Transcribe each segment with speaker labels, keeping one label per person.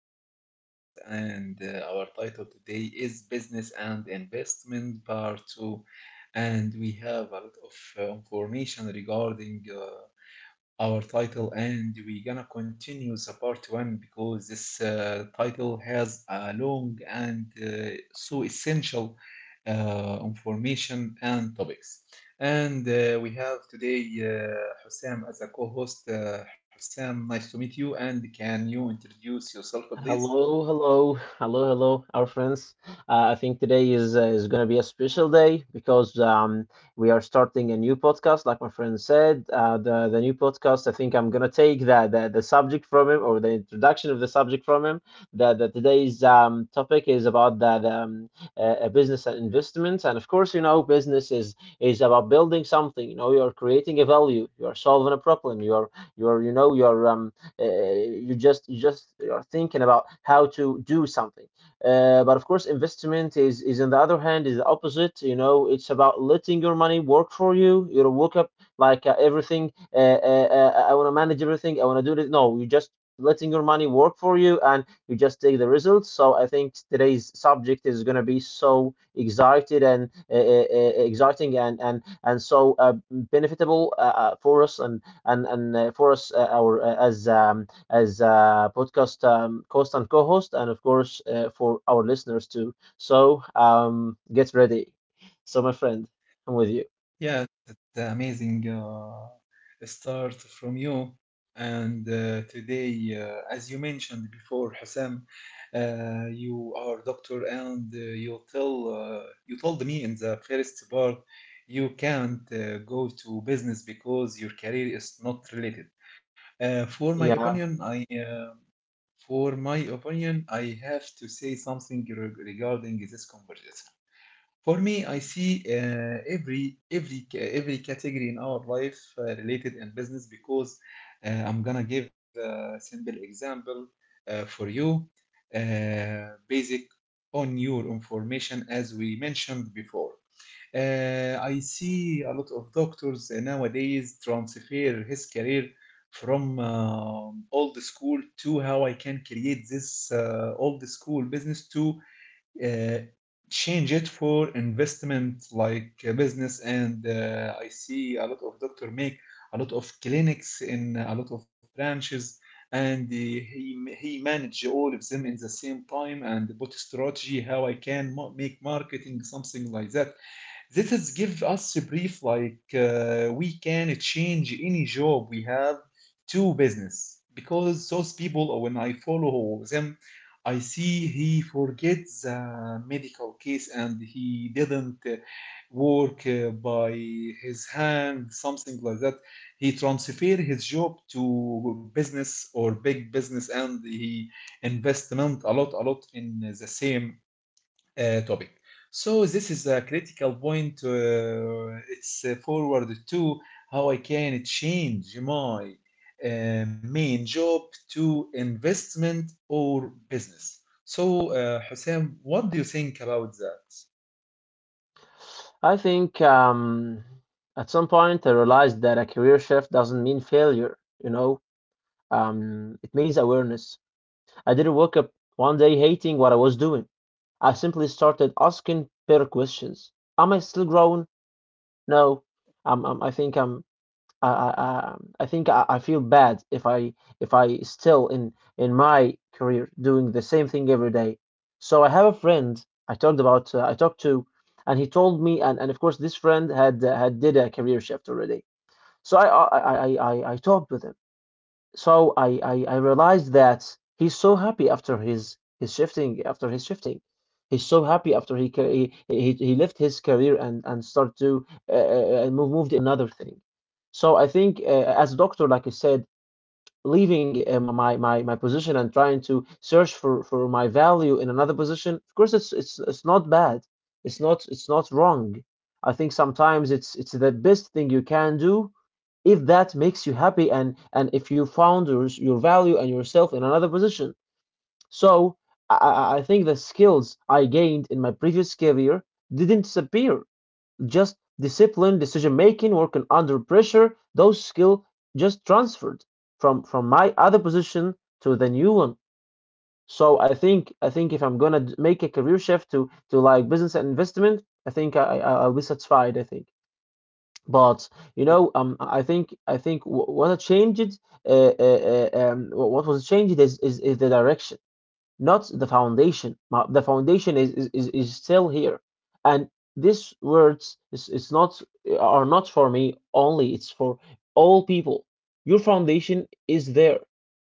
Speaker 1: our podcast, and our title today is Business and Investment Part 2. And we have a lot of information regarding our title, and we're gonna continue the part one because this title has a long and so essential information and topics, and we have today Hussam as a co-host. Hussam, nice to meet you, and can you introduce yourself please?
Speaker 2: Hello, hello, hello, hello, our friends. I think today is going to be a special day because we are starting a new podcast. Like my friend said, the new podcast. I think I'm going to take the subject from him, or the introduction of the subject from him. That today's topic is about the business and investments, and of course, you know, business is about building something. You know, you are creating a value, you are solving a problem, you are you just are thinking about how to do something. But of course, investment is on the other hand is the opposite. You know, it's about letting your money work for you. You don't wake up like everything. I want to manage everything. I want to do this. No, you just letting your money work for you, and you just take the results. So I think today's subject is going to be so excited and exciting, and and so benefitable for us, and and for us, our as a podcast host and co-host, and of course for our listeners too. So get ready. So my friend, I'm with you.
Speaker 1: Yeah, the amazing start from you. And today, as you mentioned before, Hassan, you are doctor, and you told me in the first part you can't go to business because your career is not related. Uh, for my opinion,
Speaker 2: Yeah,
Speaker 1: I uh, for my opinion, I have to say something regarding this conversation. For me, I see every category in our life related in business because I'm gonna give a simple example for you, uh, basic on your information as we mentioned before. I see a lot of doctors nowadays transfer his career from old school to how I can create this old school business to uh, change it for investment like a business. And I see a lot of doctor make a lot of clinics in a lot of branches, and he manage all of them in the same time and put strategy how I can make marketing, something like that. This is give us a brief like we can change any job we have to business. Because those people, or when I follow them, I see he forgets the medical case and he didn't work by his hand, something like that. He transfer his job to business or big business, and he investment a lot in the same topic. So this is a critical point. It's forward to how I can change my uh, main job to investment or business. So Hussein, what do you think about that?
Speaker 2: I think at some point I realized that a career shift doesn't mean failure. It means awareness. I didn't wake up one day hating what I was doing. I simply started asking better questions. Am I still growing? No. Um, um, I think I'm I think I feel bad if I still in my career doing the same thing every day. So I have a friend I talked to, and he told me, and of course this friend had did a career shift already. So I talked with him. So I realized that he's so happy after his shifting, He's so happy after he left his career, and start to moved another thing. So I think, as a doctor, like I said, leaving my position and trying to search for my value in another position. Of course it's not bad, it's not wrong. I think sometimes it's the best thing you can do, if that makes you happy, and if you found your value and yourself in another position. So I think the skills I gained in my previous career didn't disappear. Just discipline, decision making, working under pressure, those skill just transferred from my other position to the new one. So I think if I'm gonna make a career shift to like business and investment, I think I I'll be satisfied. I think. But you
Speaker 1: Yeah.
Speaker 2: know, I think what was changed is the direction, not the foundation. The foundation is still here. And these words is not are not for me only, it's for all people. Your foundation is there,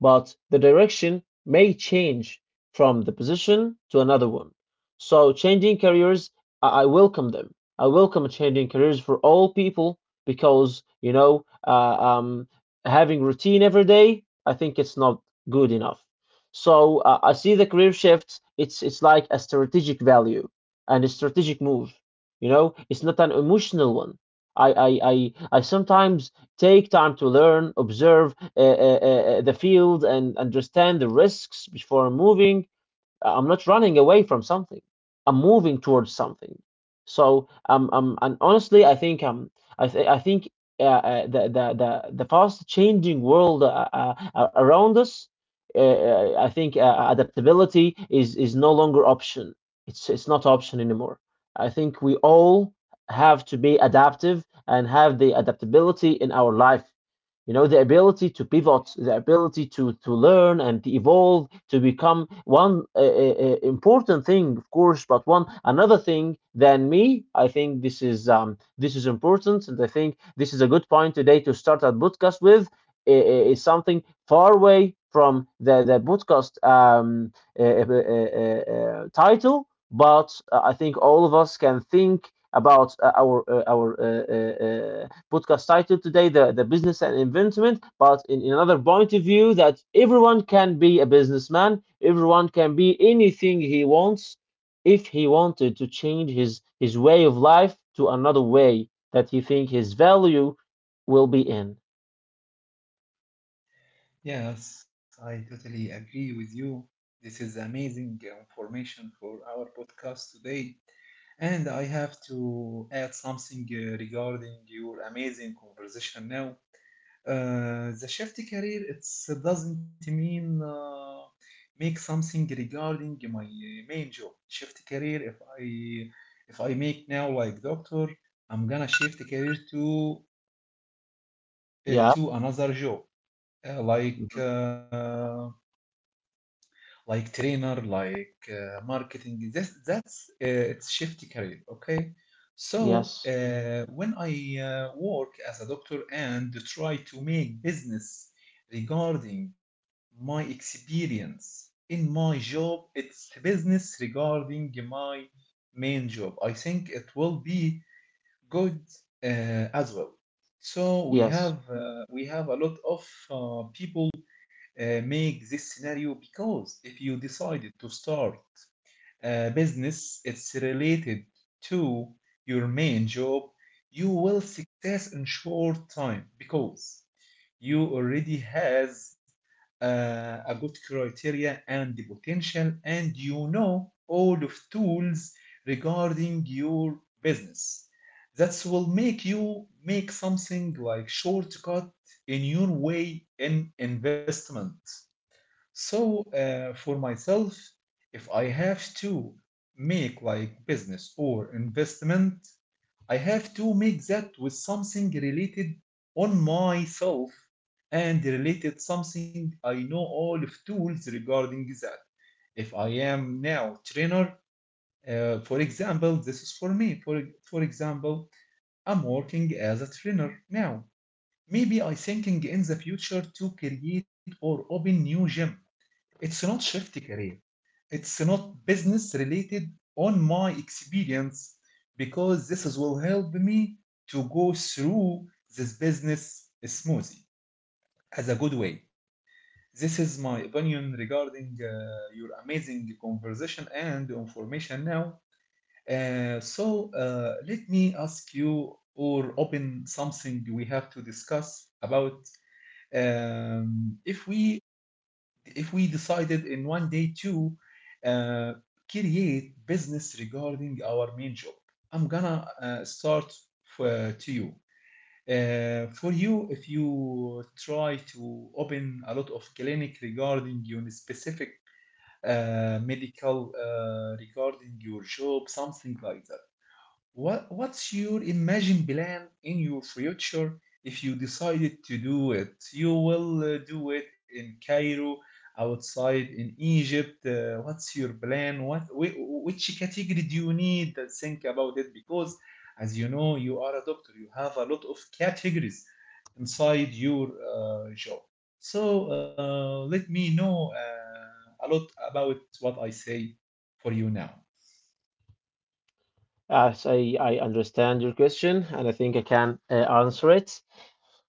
Speaker 2: but the direction may change from the position to another one. So, changing careers, I welcome them. I welcome changing careers for all people, because having routine every day, I think it's not good enough. So, I see the career shift. It's like a strategic value and a strategic move. You know, it's not an emotional one. I sometimes take time to learn, observe the field, and understand the risks before moving. I'm not running away from something. I'm moving towards something. So, and honestly, I think, I think the fast changing world, around us. I think, adaptability is no longer option. It's not option anymore. I think we all have to be adaptive and have the adaptability in our life. You know, the ability to pivot, the ability to learn and to evolve, to become one important thing, of course, but one another thing than me. I think this is important. And I think this is a good point today to start a podcast with. I is something far away from the podcast uh, uh, title, but I think all of us can think about our podcast title today, the, business and investment, but in another point of view, that everyone can be a businessman, everyone can be anything he wants, if he wanted to change his way of life to another way that he think his value will be in.
Speaker 1: Yes, I totally agree with you. This is amazing information for our podcast today. And I have to add something regarding your amazing conversation now. The shift career it doesn't mean make something regarding my main job. Shift career, if I make now like doctor, I'm gonna shift career
Speaker 2: Yeah.
Speaker 1: to another job uh, like
Speaker 2: Mhm.
Speaker 1: uh, like trainer, like marketing. This, that's it's shifty career. Okay, so
Speaker 2: Yes.
Speaker 1: when I work as a doctor and try to make business regarding my experience in my job, it's business regarding my main job. I think it will be good as well. So
Speaker 2: Yes.
Speaker 1: we have a lot of people make this scenario, because if you decided to start a business, it's related to your main job, you will success in short time because you already has a good criteria and the potential, and you know all of tools regarding your business that will make you make something like shortcut in your way in investment. So for myself, if I have to make like business or investment, I have to make that with something related on myself, and related something I know all of tools regarding that. If I am now trainer, for example, this is for me. For example, I'm working as a trainer now. Maybe I thinking in the future to create or open new gym. It's not shift career. It's not business related on my experience, because this will help me to go through this business smoothly, as a good way. This is my opinion regarding your amazing conversation and information now. So let me ask you, or open something we have to discuss about. Um, if we decided in one day to uh, create business regarding our main job, I'm gonna start for, to you for you. If you try to open a lot of clinic regarding your specific medical regarding your job, something like that, what what's your imagine plan in your future if you decided to do it? You will do it in Cairo, outside in Egypt. What's your plan? What which category do you need? Think about it, because as you know, you are a doctor. You have a lot of categories inside your job. So let me know a lot about what I say for you now.
Speaker 2: As I understand your question, and I think I can, answer it.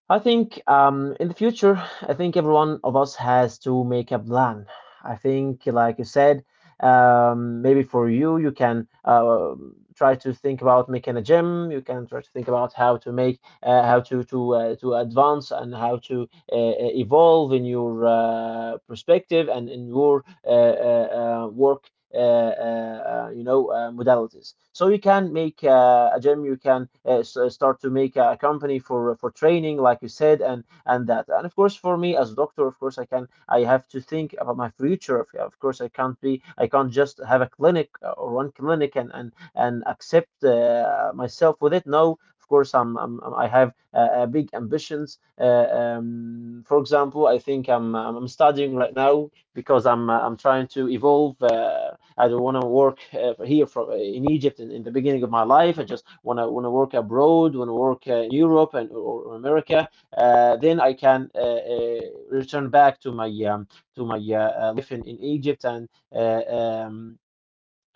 Speaker 2: I think, in the future, I think every one of us has to make a plan. I think, like you said, maybe for you, you can try to think about making a gym. You can try to think about how to make, how to advance, and how to evolve in your perspective, and in your work modalities. So you can make a gym, you can start to make a company for training, like you said, and that. And of course, for me as a doctor, of course, I have to think about my future. Of course, I can't just have a clinic, or one clinic, and accept myself with it. No, of course, I have big ambitions. For example, I think I'm studying right now, because I'm trying to evolve. I don't want to work here from in Egypt, in the beginning of my life. I just want to work abroad, want to work in Europe and, or America. Then I can return back to my life in, Egypt uh, um,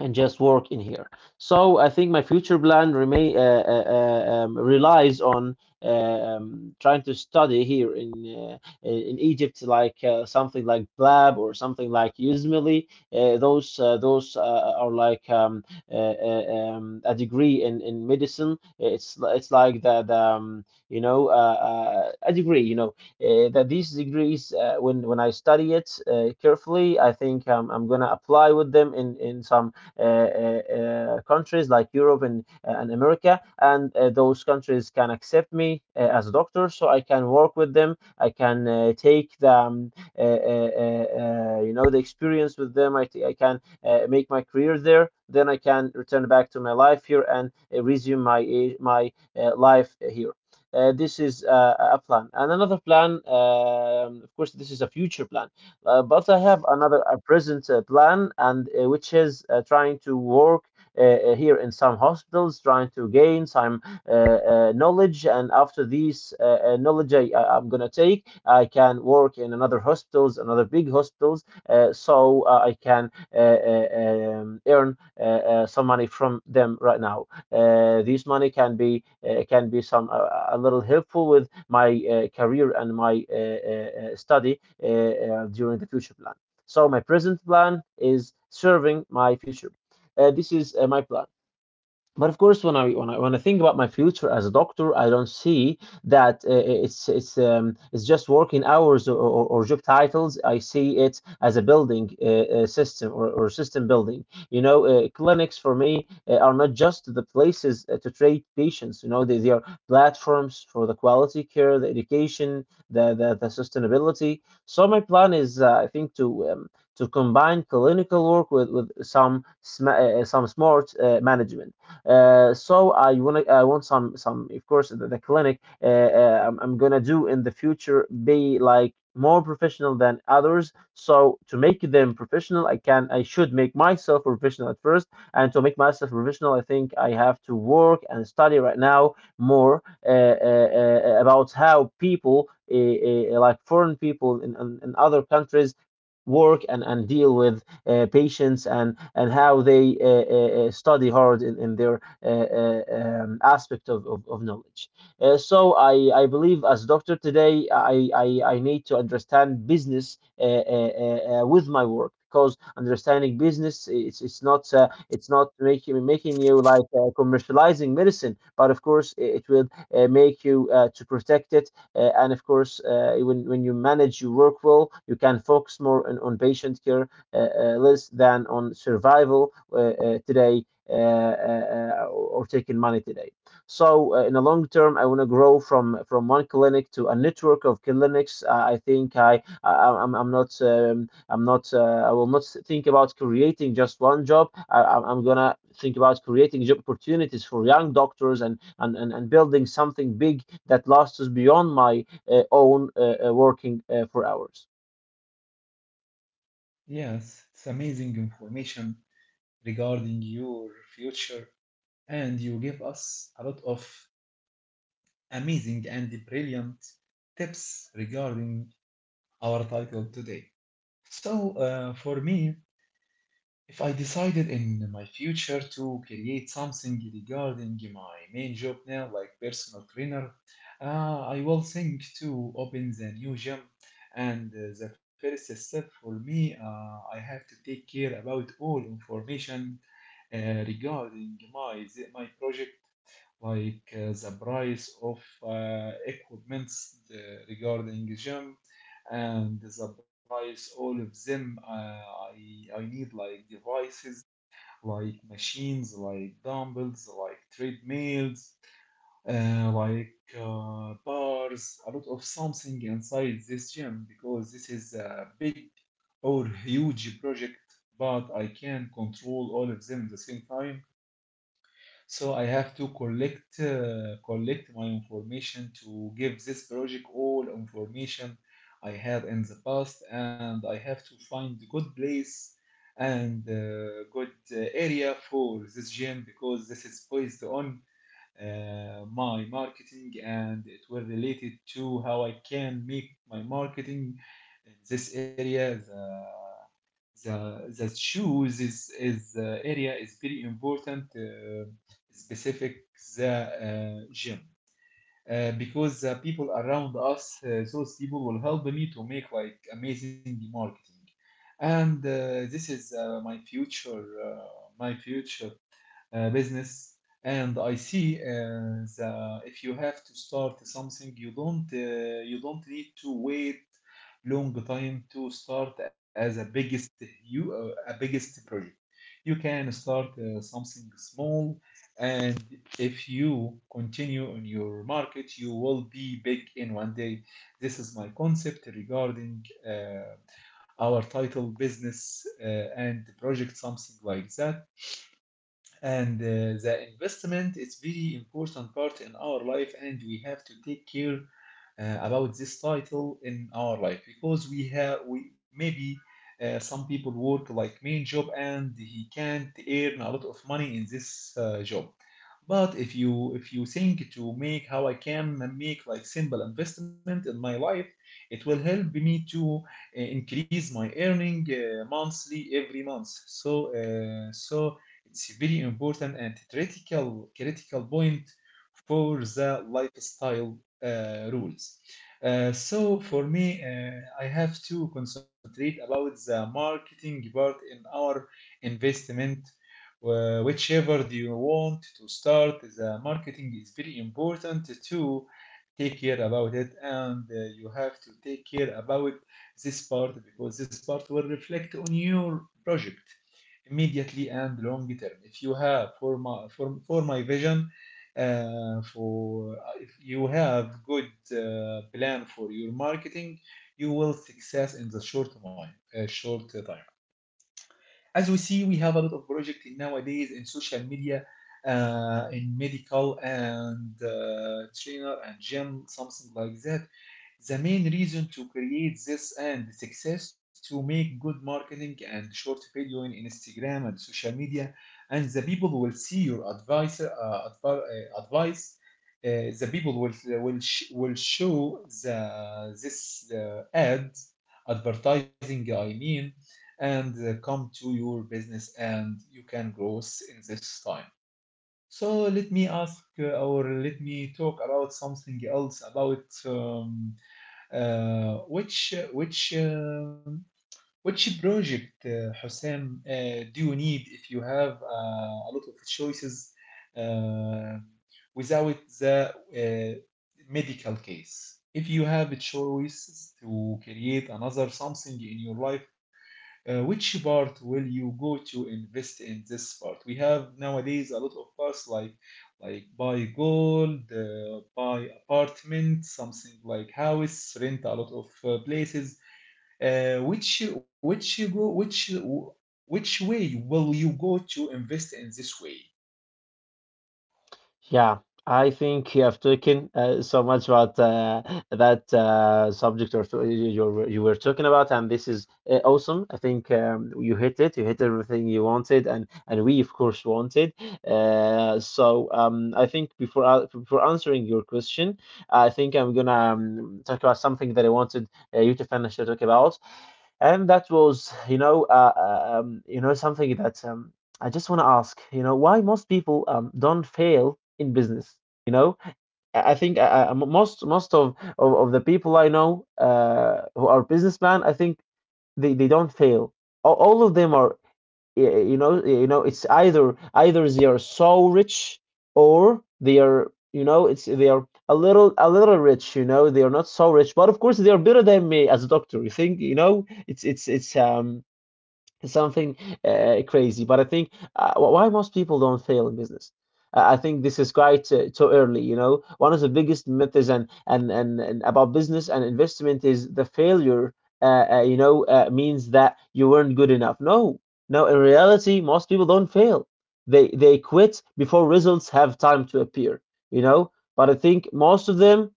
Speaker 2: and just work in here. So I think my future plan remain relies on trying to study here in Egypt, like something like Blab, or something like Usmili. Those are like a degree in, medicine. It's like that, you know, a degree. You know, that these degrees, when I study it carefully, I think, I'm gonna apply with them in some countries like Europe and America, and those countries can accept me as a doctor, so I can work with them. I can take the you know the experience with them. I can make my career there. Then I can return back to my life here, and resume my life here. This is, a plan. And another plan, of course, this is a future plan. But I have another a present, plan, and which is, trying to work here in some hospitals, trying to gain some knowledge. And after this knowledge, I can work in another hospitals, another big hospitals, so I can earn some money from them right now. This money can be some, a little helpful with my career and my study during the future plan. So my present plan is serving my future. This is my plan, but of course when I think about my future as a doctor, I don't see that it's just working hours or job titles. I see it as a building system or system building. You know, clinics for me are not just the places to treat patients. You know, they are platforms for the quality care, the education, the sustainability. So my plan is, I think, to combine clinical work with some some smart management. So I want some, of course, the clinic I'm gonna do in the future be like more professional than others. So to make them professional, I should make myself professional at first, and to make myself professional, I think I have to work and study right now more about how people like foreign people in other countries work and deal with patients, and how they study hard in their aspect of knowledge. So I believe as doctor today, I need to understand business with my work, because understanding business, it's not it's not making you like commercializing medicine, but of course it will make you to protect it, and of course when you manage your work well, you can focus more on patient care, less than on survival today, or taking money today. So in the long term, I want to grow from one clinic to a network of clinics. I think I'm not I will not think about creating just one job. I'm gonna think about creating job opportunities for young doctors, and building something big that lasts us beyond my own working for hours.
Speaker 1: Yes, it's amazing information regarding your future, and you give us a lot of amazing and brilliant tips regarding our title today. So, for me, if I decided in my future to create something regarding my main job now, like personal trainer, I will think to open the new gym. And the first step for me, I have to take care about all information uh, regarding my project, like the price of equipments regarding gym, and the price all of them. I need like devices, like machines, like dumbbells, like treadmills, like bars, a lot of something inside this gym, because this is a big or huge project, but I can control all of them at the same time. So I have to collect my information to give this project all information I had in the past. And I have to find good place and good area for this gym, because this is based on my marketing, and it will related to how I can make my marketing in this area. The shoes is area is very important, specific the gym, because the people around us, those people will help me to make like amazing marketing. And this is my future business. And I see the, if you have to start something, you don't need to wait long time to start as a biggest, you a biggest project. You can start something small, and if you continue on your market, you will be big in one day. This is my concept regarding our title business, and project, something like that. And the investment is very important part in our life, and we have to take care about this title in our life, because we have, we maybe some people work like main job and he can't earn a lot of money in this job. But if you, if you think to make, how I can make like simple investment in my life, it will help me to increase my earning monthly, every month. So so it's very important and critical point for the lifestyle rules. So for me, I have to concentrate about the marketing part in our investment. Whichever do you want to start, the marketing is very important to take care about it, and you have to take care about this part, because this part will reflect on your project immediately and long term. If you have for my for my vision, for if you have good plan for your marketing, you will success in the short time, short time. As we see, we have a lot of projects nowadays in social media, in medical and trainer and gym, something like that. The main reason to create this and success to make good marketing and short video in Instagram and social media, and the people will see your advice, advice. Uh, the people will will show the this ad advertising, I mean, and come to your business, and you can grow in this time. So let me ask, or let me talk about something else about, which which project, Hussein, do you need if you have a lot of choices uh, without the medical case? If you have choices to create another something in your life, which part will you go to invest in this part? We have nowadays a lot of parts like buy gold, buy apartment, something like house, rent a lot of places. Which which way will you go to invest in this way?
Speaker 2: Yeah, I think you have taken so much about that subject you were talking about, and this is awesome. I think you hit it. You hit everything you wanted, and we of course wanted. So I think before answering your question, I think I'm gonna talk about something that I wanted you to finish to talk about. And that was, you know, something that I just want to ask, you know, why most people don't fail in business. You know, I think most of the people I know who are businessmen, I think they don't fail. All of them are you know, yeah, you know, it's either they are so rich, or they are, you know, it's they are a little rich. You know, they are not so rich, but of course they are better than me as a doctor, you think. You know, it's something crazy. But I think why most people don't fail in business. I think this is quite too early. You know, one of the biggest myths and about business and investment is the failure. You know, means that you weren't good enough. No, no. In reality, most people don't fail. They quit before results have time to appear. You know, but I think most of them,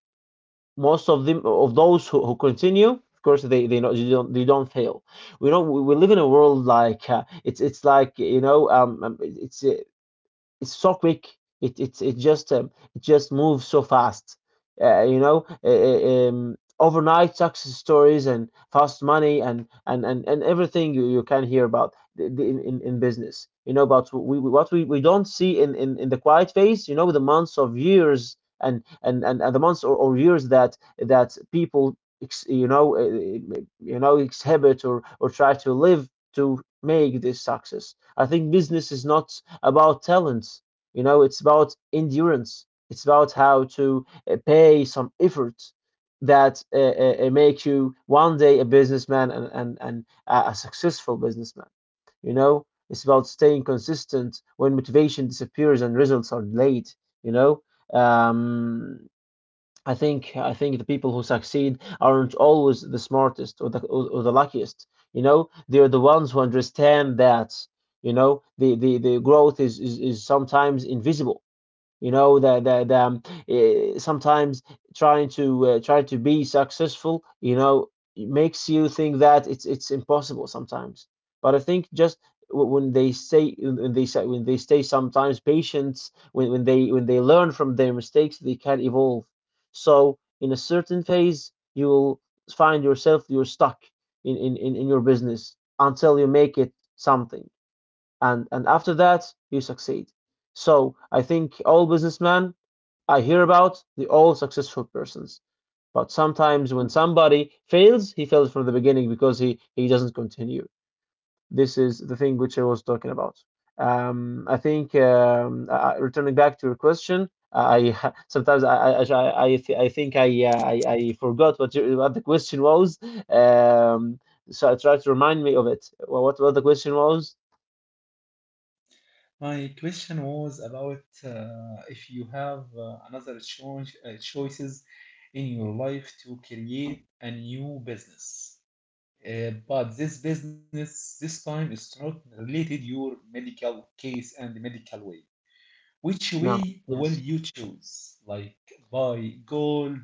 Speaker 2: most of them, of those who continue, of course they don't, they don't fail. We know we live in a world like, it's like, you know, it's so quick. It just it just moves so fast. You know, overnight success stories and fast money and everything you can hear about in business. You know, but we what we don't see in the quiet phase. You know, the months of years and the months, or years that that people, you know, you know exhibit or try to live to make this success. I think business is not about talents. You know, it's about endurance. It's about how to pay some effort that make you one day a businessman, and a successful businessman. You know, it's about staying consistent when motivation disappears and results are delayed. You know, um, I think, I think the people who succeed aren't always the smartest, or the luckiest. You know, they're the ones who understand that. You know, the growth is, is sometimes invisible. You know that, that sometimes trying to trying to be successful, you know, it makes you think that it's impossible sometimes. But I think just, when they stay sometimes patience, when they learn from their mistakes, they can evolve. So in a certain phase you will find yourself you're stuck in your business until you make it something, and after that you succeed. So I think all businessmen I hear about, they all successful persons. But sometimes when somebody fails, he fails from the beginning, because he doesn't continue. This is the thing which I was talking about. I think returning back to your question, I sometimes I think, I forgot what your, what the question was. Um, so I try to remind me of it. What the question was?
Speaker 1: My question was about if you have another choices in your life to create a new business. But this business this time is not related your medical case and the medical way. Which
Speaker 2: No.
Speaker 1: way will
Speaker 2: Yes.
Speaker 1: you choose? Like buy gold,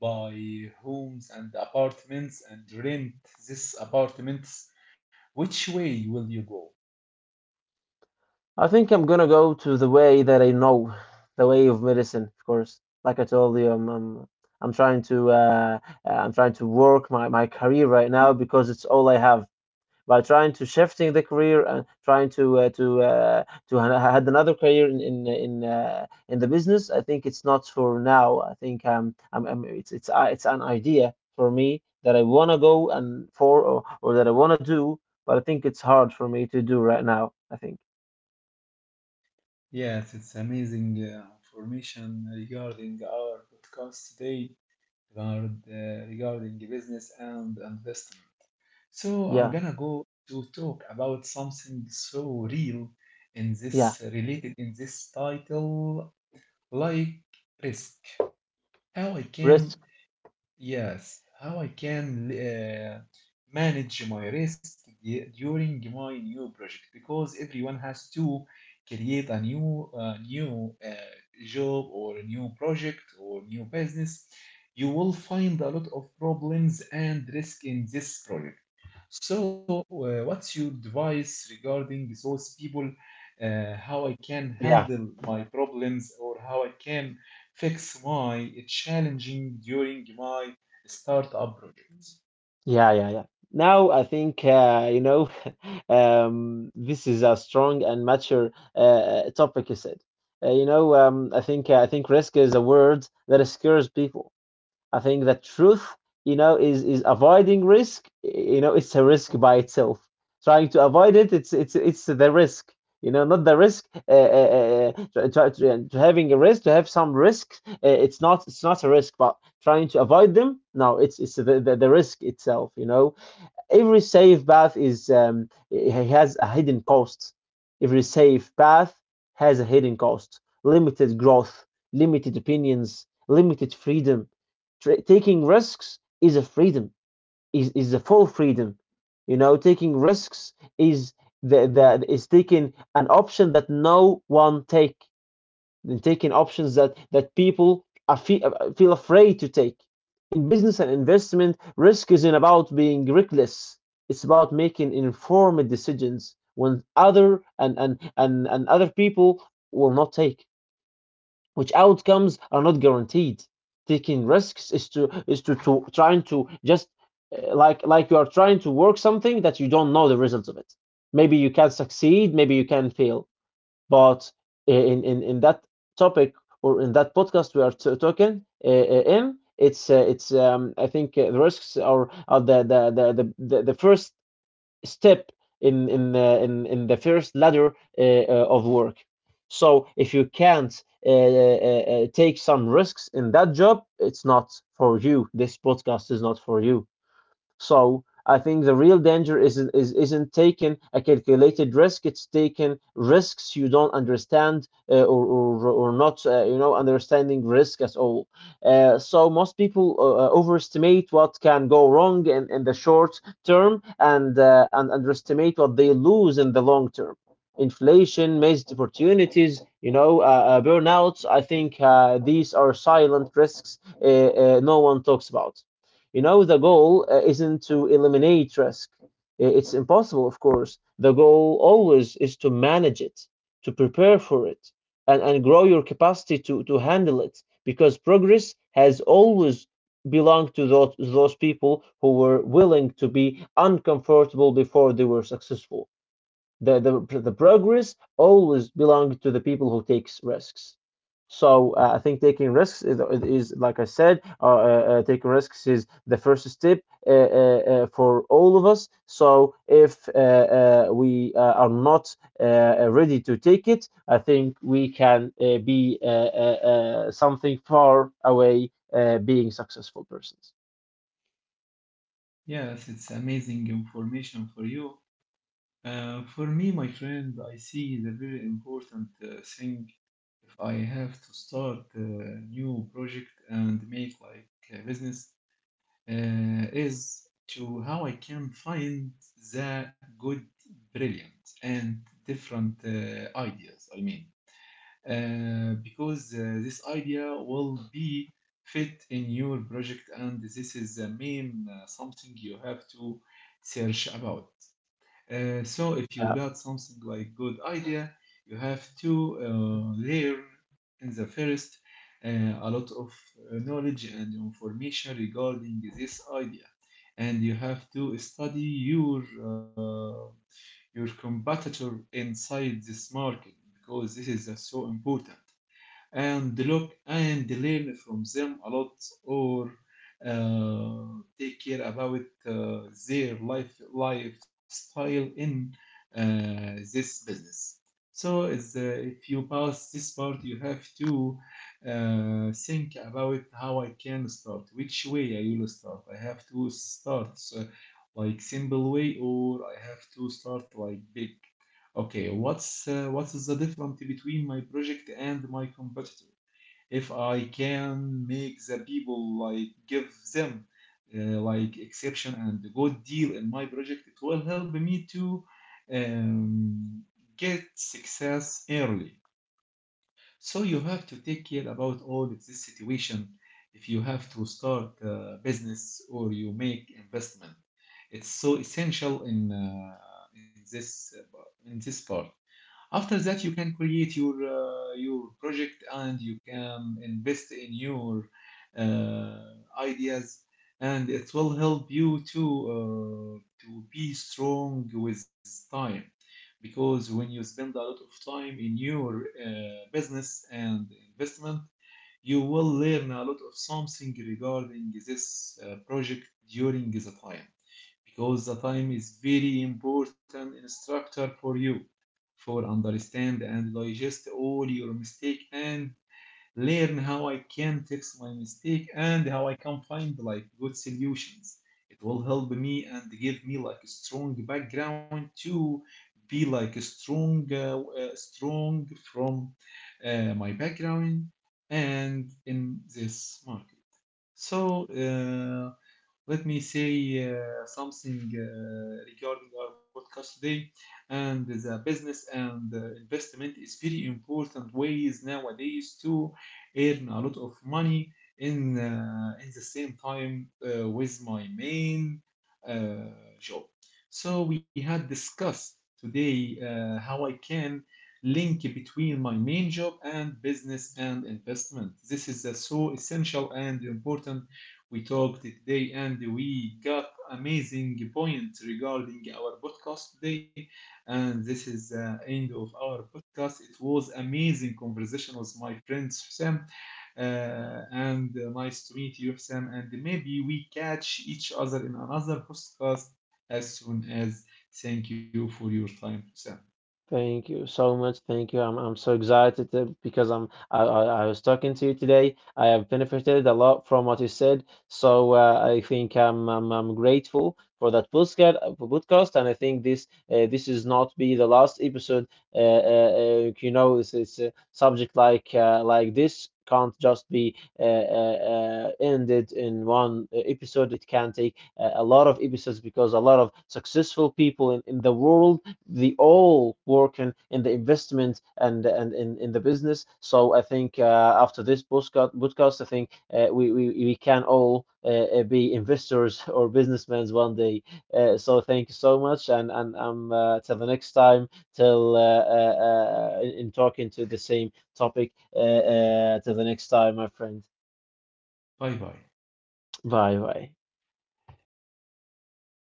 Speaker 1: buy homes and apartments, and rent these apartments. Which way will you go?
Speaker 2: I think I'm gonna go to the way that I know, the way of medicine, of course. Like I told you, I'm trying to uh, I'm trying to work my, my career right now because it's all I have. By trying to shifting the career and trying to to had another career in the business, I think it's not for now. I think I'm it's an idea for me that I wanna go and for, or that I wanna do, but I think it's hard for me to do right now. I think
Speaker 1: Yes, it's amazing information regarding our podcast today regarding the business and investment. So I'm
Speaker 2: yeah.
Speaker 1: gonna go to talk about something so real in
Speaker 2: Yeah,
Speaker 1: this related in this title, like risk. How I can,
Speaker 2: risk.
Speaker 1: yes, how I can manage my risk during my new project because everyone has to create a new job or a new project or new business. You will find a lot of problems and risk in this project so, what's your advice regarding those people? How I can
Speaker 2: Yeah,
Speaker 1: handle my problems or how I can fix my challenging during my startup projects?
Speaker 2: yeah, yeah, yeah. Now I think, you know, this is a strong and mature topic you said. You know, I think, I think risk is a word that scares people. I think the truth, you know, is avoiding risk. You know, it's a risk by itself. Trying to avoid it, it's it's the risk. You know, not the risk. To, having a risk, to have some risks, it's not, it's not a risk. But trying to avoid them, no, it's the risk itself. You know, every safe path is has a hidden cost. Every safe path has a hidden cost. Limited growth, limited opinions, limited freedom. Taking risks is a freedom. Is a full freedom. You know, taking risks is the is taking an option that no one take, than taking options that, that people are feel afraid to take. In business and investment, risk isn't about being reckless. It's about making informed decisions when other and other people will not take, which outcomes are not guaranteed. Taking risks is to to trying to just like you are trying to work something that you don't know the results of it. Maybe you can succeed, maybe you can fail. But in that topic or in that podcast we are talking it's, I think, the risks are, are the first step in the first ladder of work. So if you can't uh, uh, take some risks in that job, it's not for you. This podcast is not for you. So I think the real danger is isn't taking a calculated risk. It's taking risks you don't understand, or not you know, understanding risk at all. So most people overestimate what can go wrong in the short term, and underestimate what they lose in the long term. Inflation, missed opportunities, you know, burnouts. I think these are silent risks no one talks about. You know, the goal isn't to eliminate risk. It's impossible, of course. The goal always is to manage it, to prepare for it, and grow your capacity to handle it. Because progress has always belonged to those people who were willing to be uncomfortable before they were successful. The, the, the progress always belonged to the people who takes risks. So I think taking risks is like I said, taking risks is the first step for all of us. So if we are not ready to take it, I think we can be something far away, being successful persons.
Speaker 1: Yes, it's amazing information for you. For me, my friend, I see the very important thing if I have to start a new project and make like a business. Is to how I can find the good, brilliant, and different ideas. I mean, because this idea will be fit in your project, and this is the main something you have to search about. So if you got
Speaker 2: Yeah.
Speaker 1: something like good idea, you have to layer in the first a lot of knowledge and information regarding this idea, and you have to study your competitor inside this market because this is so important and look and learn from them a lot or take care about uh, their life lifestyle in uh, this business. So is if you pass this part, you have to think about how I can start, which way I will start. I have to start like simple way, or I have to start like big. Okay, what is the difference between my project and my competitor? If I can make the people like give them like exception and good deal in my project, it will help me to um, get success early. So you have to take care about all of this situation. If you have to start a business or you make investment, it's so essential in this uh, in this part. After that, you can create your project and you can invest in your uh, ideas, and it will help you uh, to be strong with time. Because when you spend a lot of time in your business and investment, you will learn a lot of something regarding this project during the time because the time is very important instructor for you for understand and digest all your mistake and learn how I can fix my mistake and how I can find like good solutions. It will help me and give me like a strong background to be like a strong, strong from my background and in this market. So, let me say something regarding our podcast today and the business and investment is very important ways nowadays to earn a lot of money in the same time with my main job. So we had discussed today how I can link between my main job and business and investment. This is so essential and important we talked today and we got amazing points regarding our podcast today. And this is the end of our podcast. It was amazing conversation with my friend Sam. And Nice to meet you, Sam. And maybe we catch each other in another podcast as soon as. Thank you for your time, Sam.
Speaker 2: Thank you so much. Thank you. I'm so excited to, because I'm I was talking to you today. I have benefited a lot from what you said. So I think I'm grateful for that podcast for podcast, and I think this this is not be the last episode. Uh, you know, it's a subject like this can't just be ended in one episode. It can take a lot of episodes, because a lot of successful people in the world, the all working in the investment and in the business. So I think after this podcast, I think we can all be investors or businessmen one day. So thank you so much, and till the next time, till in talking to the same topic. Till the next time, my friend.
Speaker 1: Bye bye.
Speaker 2: Bye bye.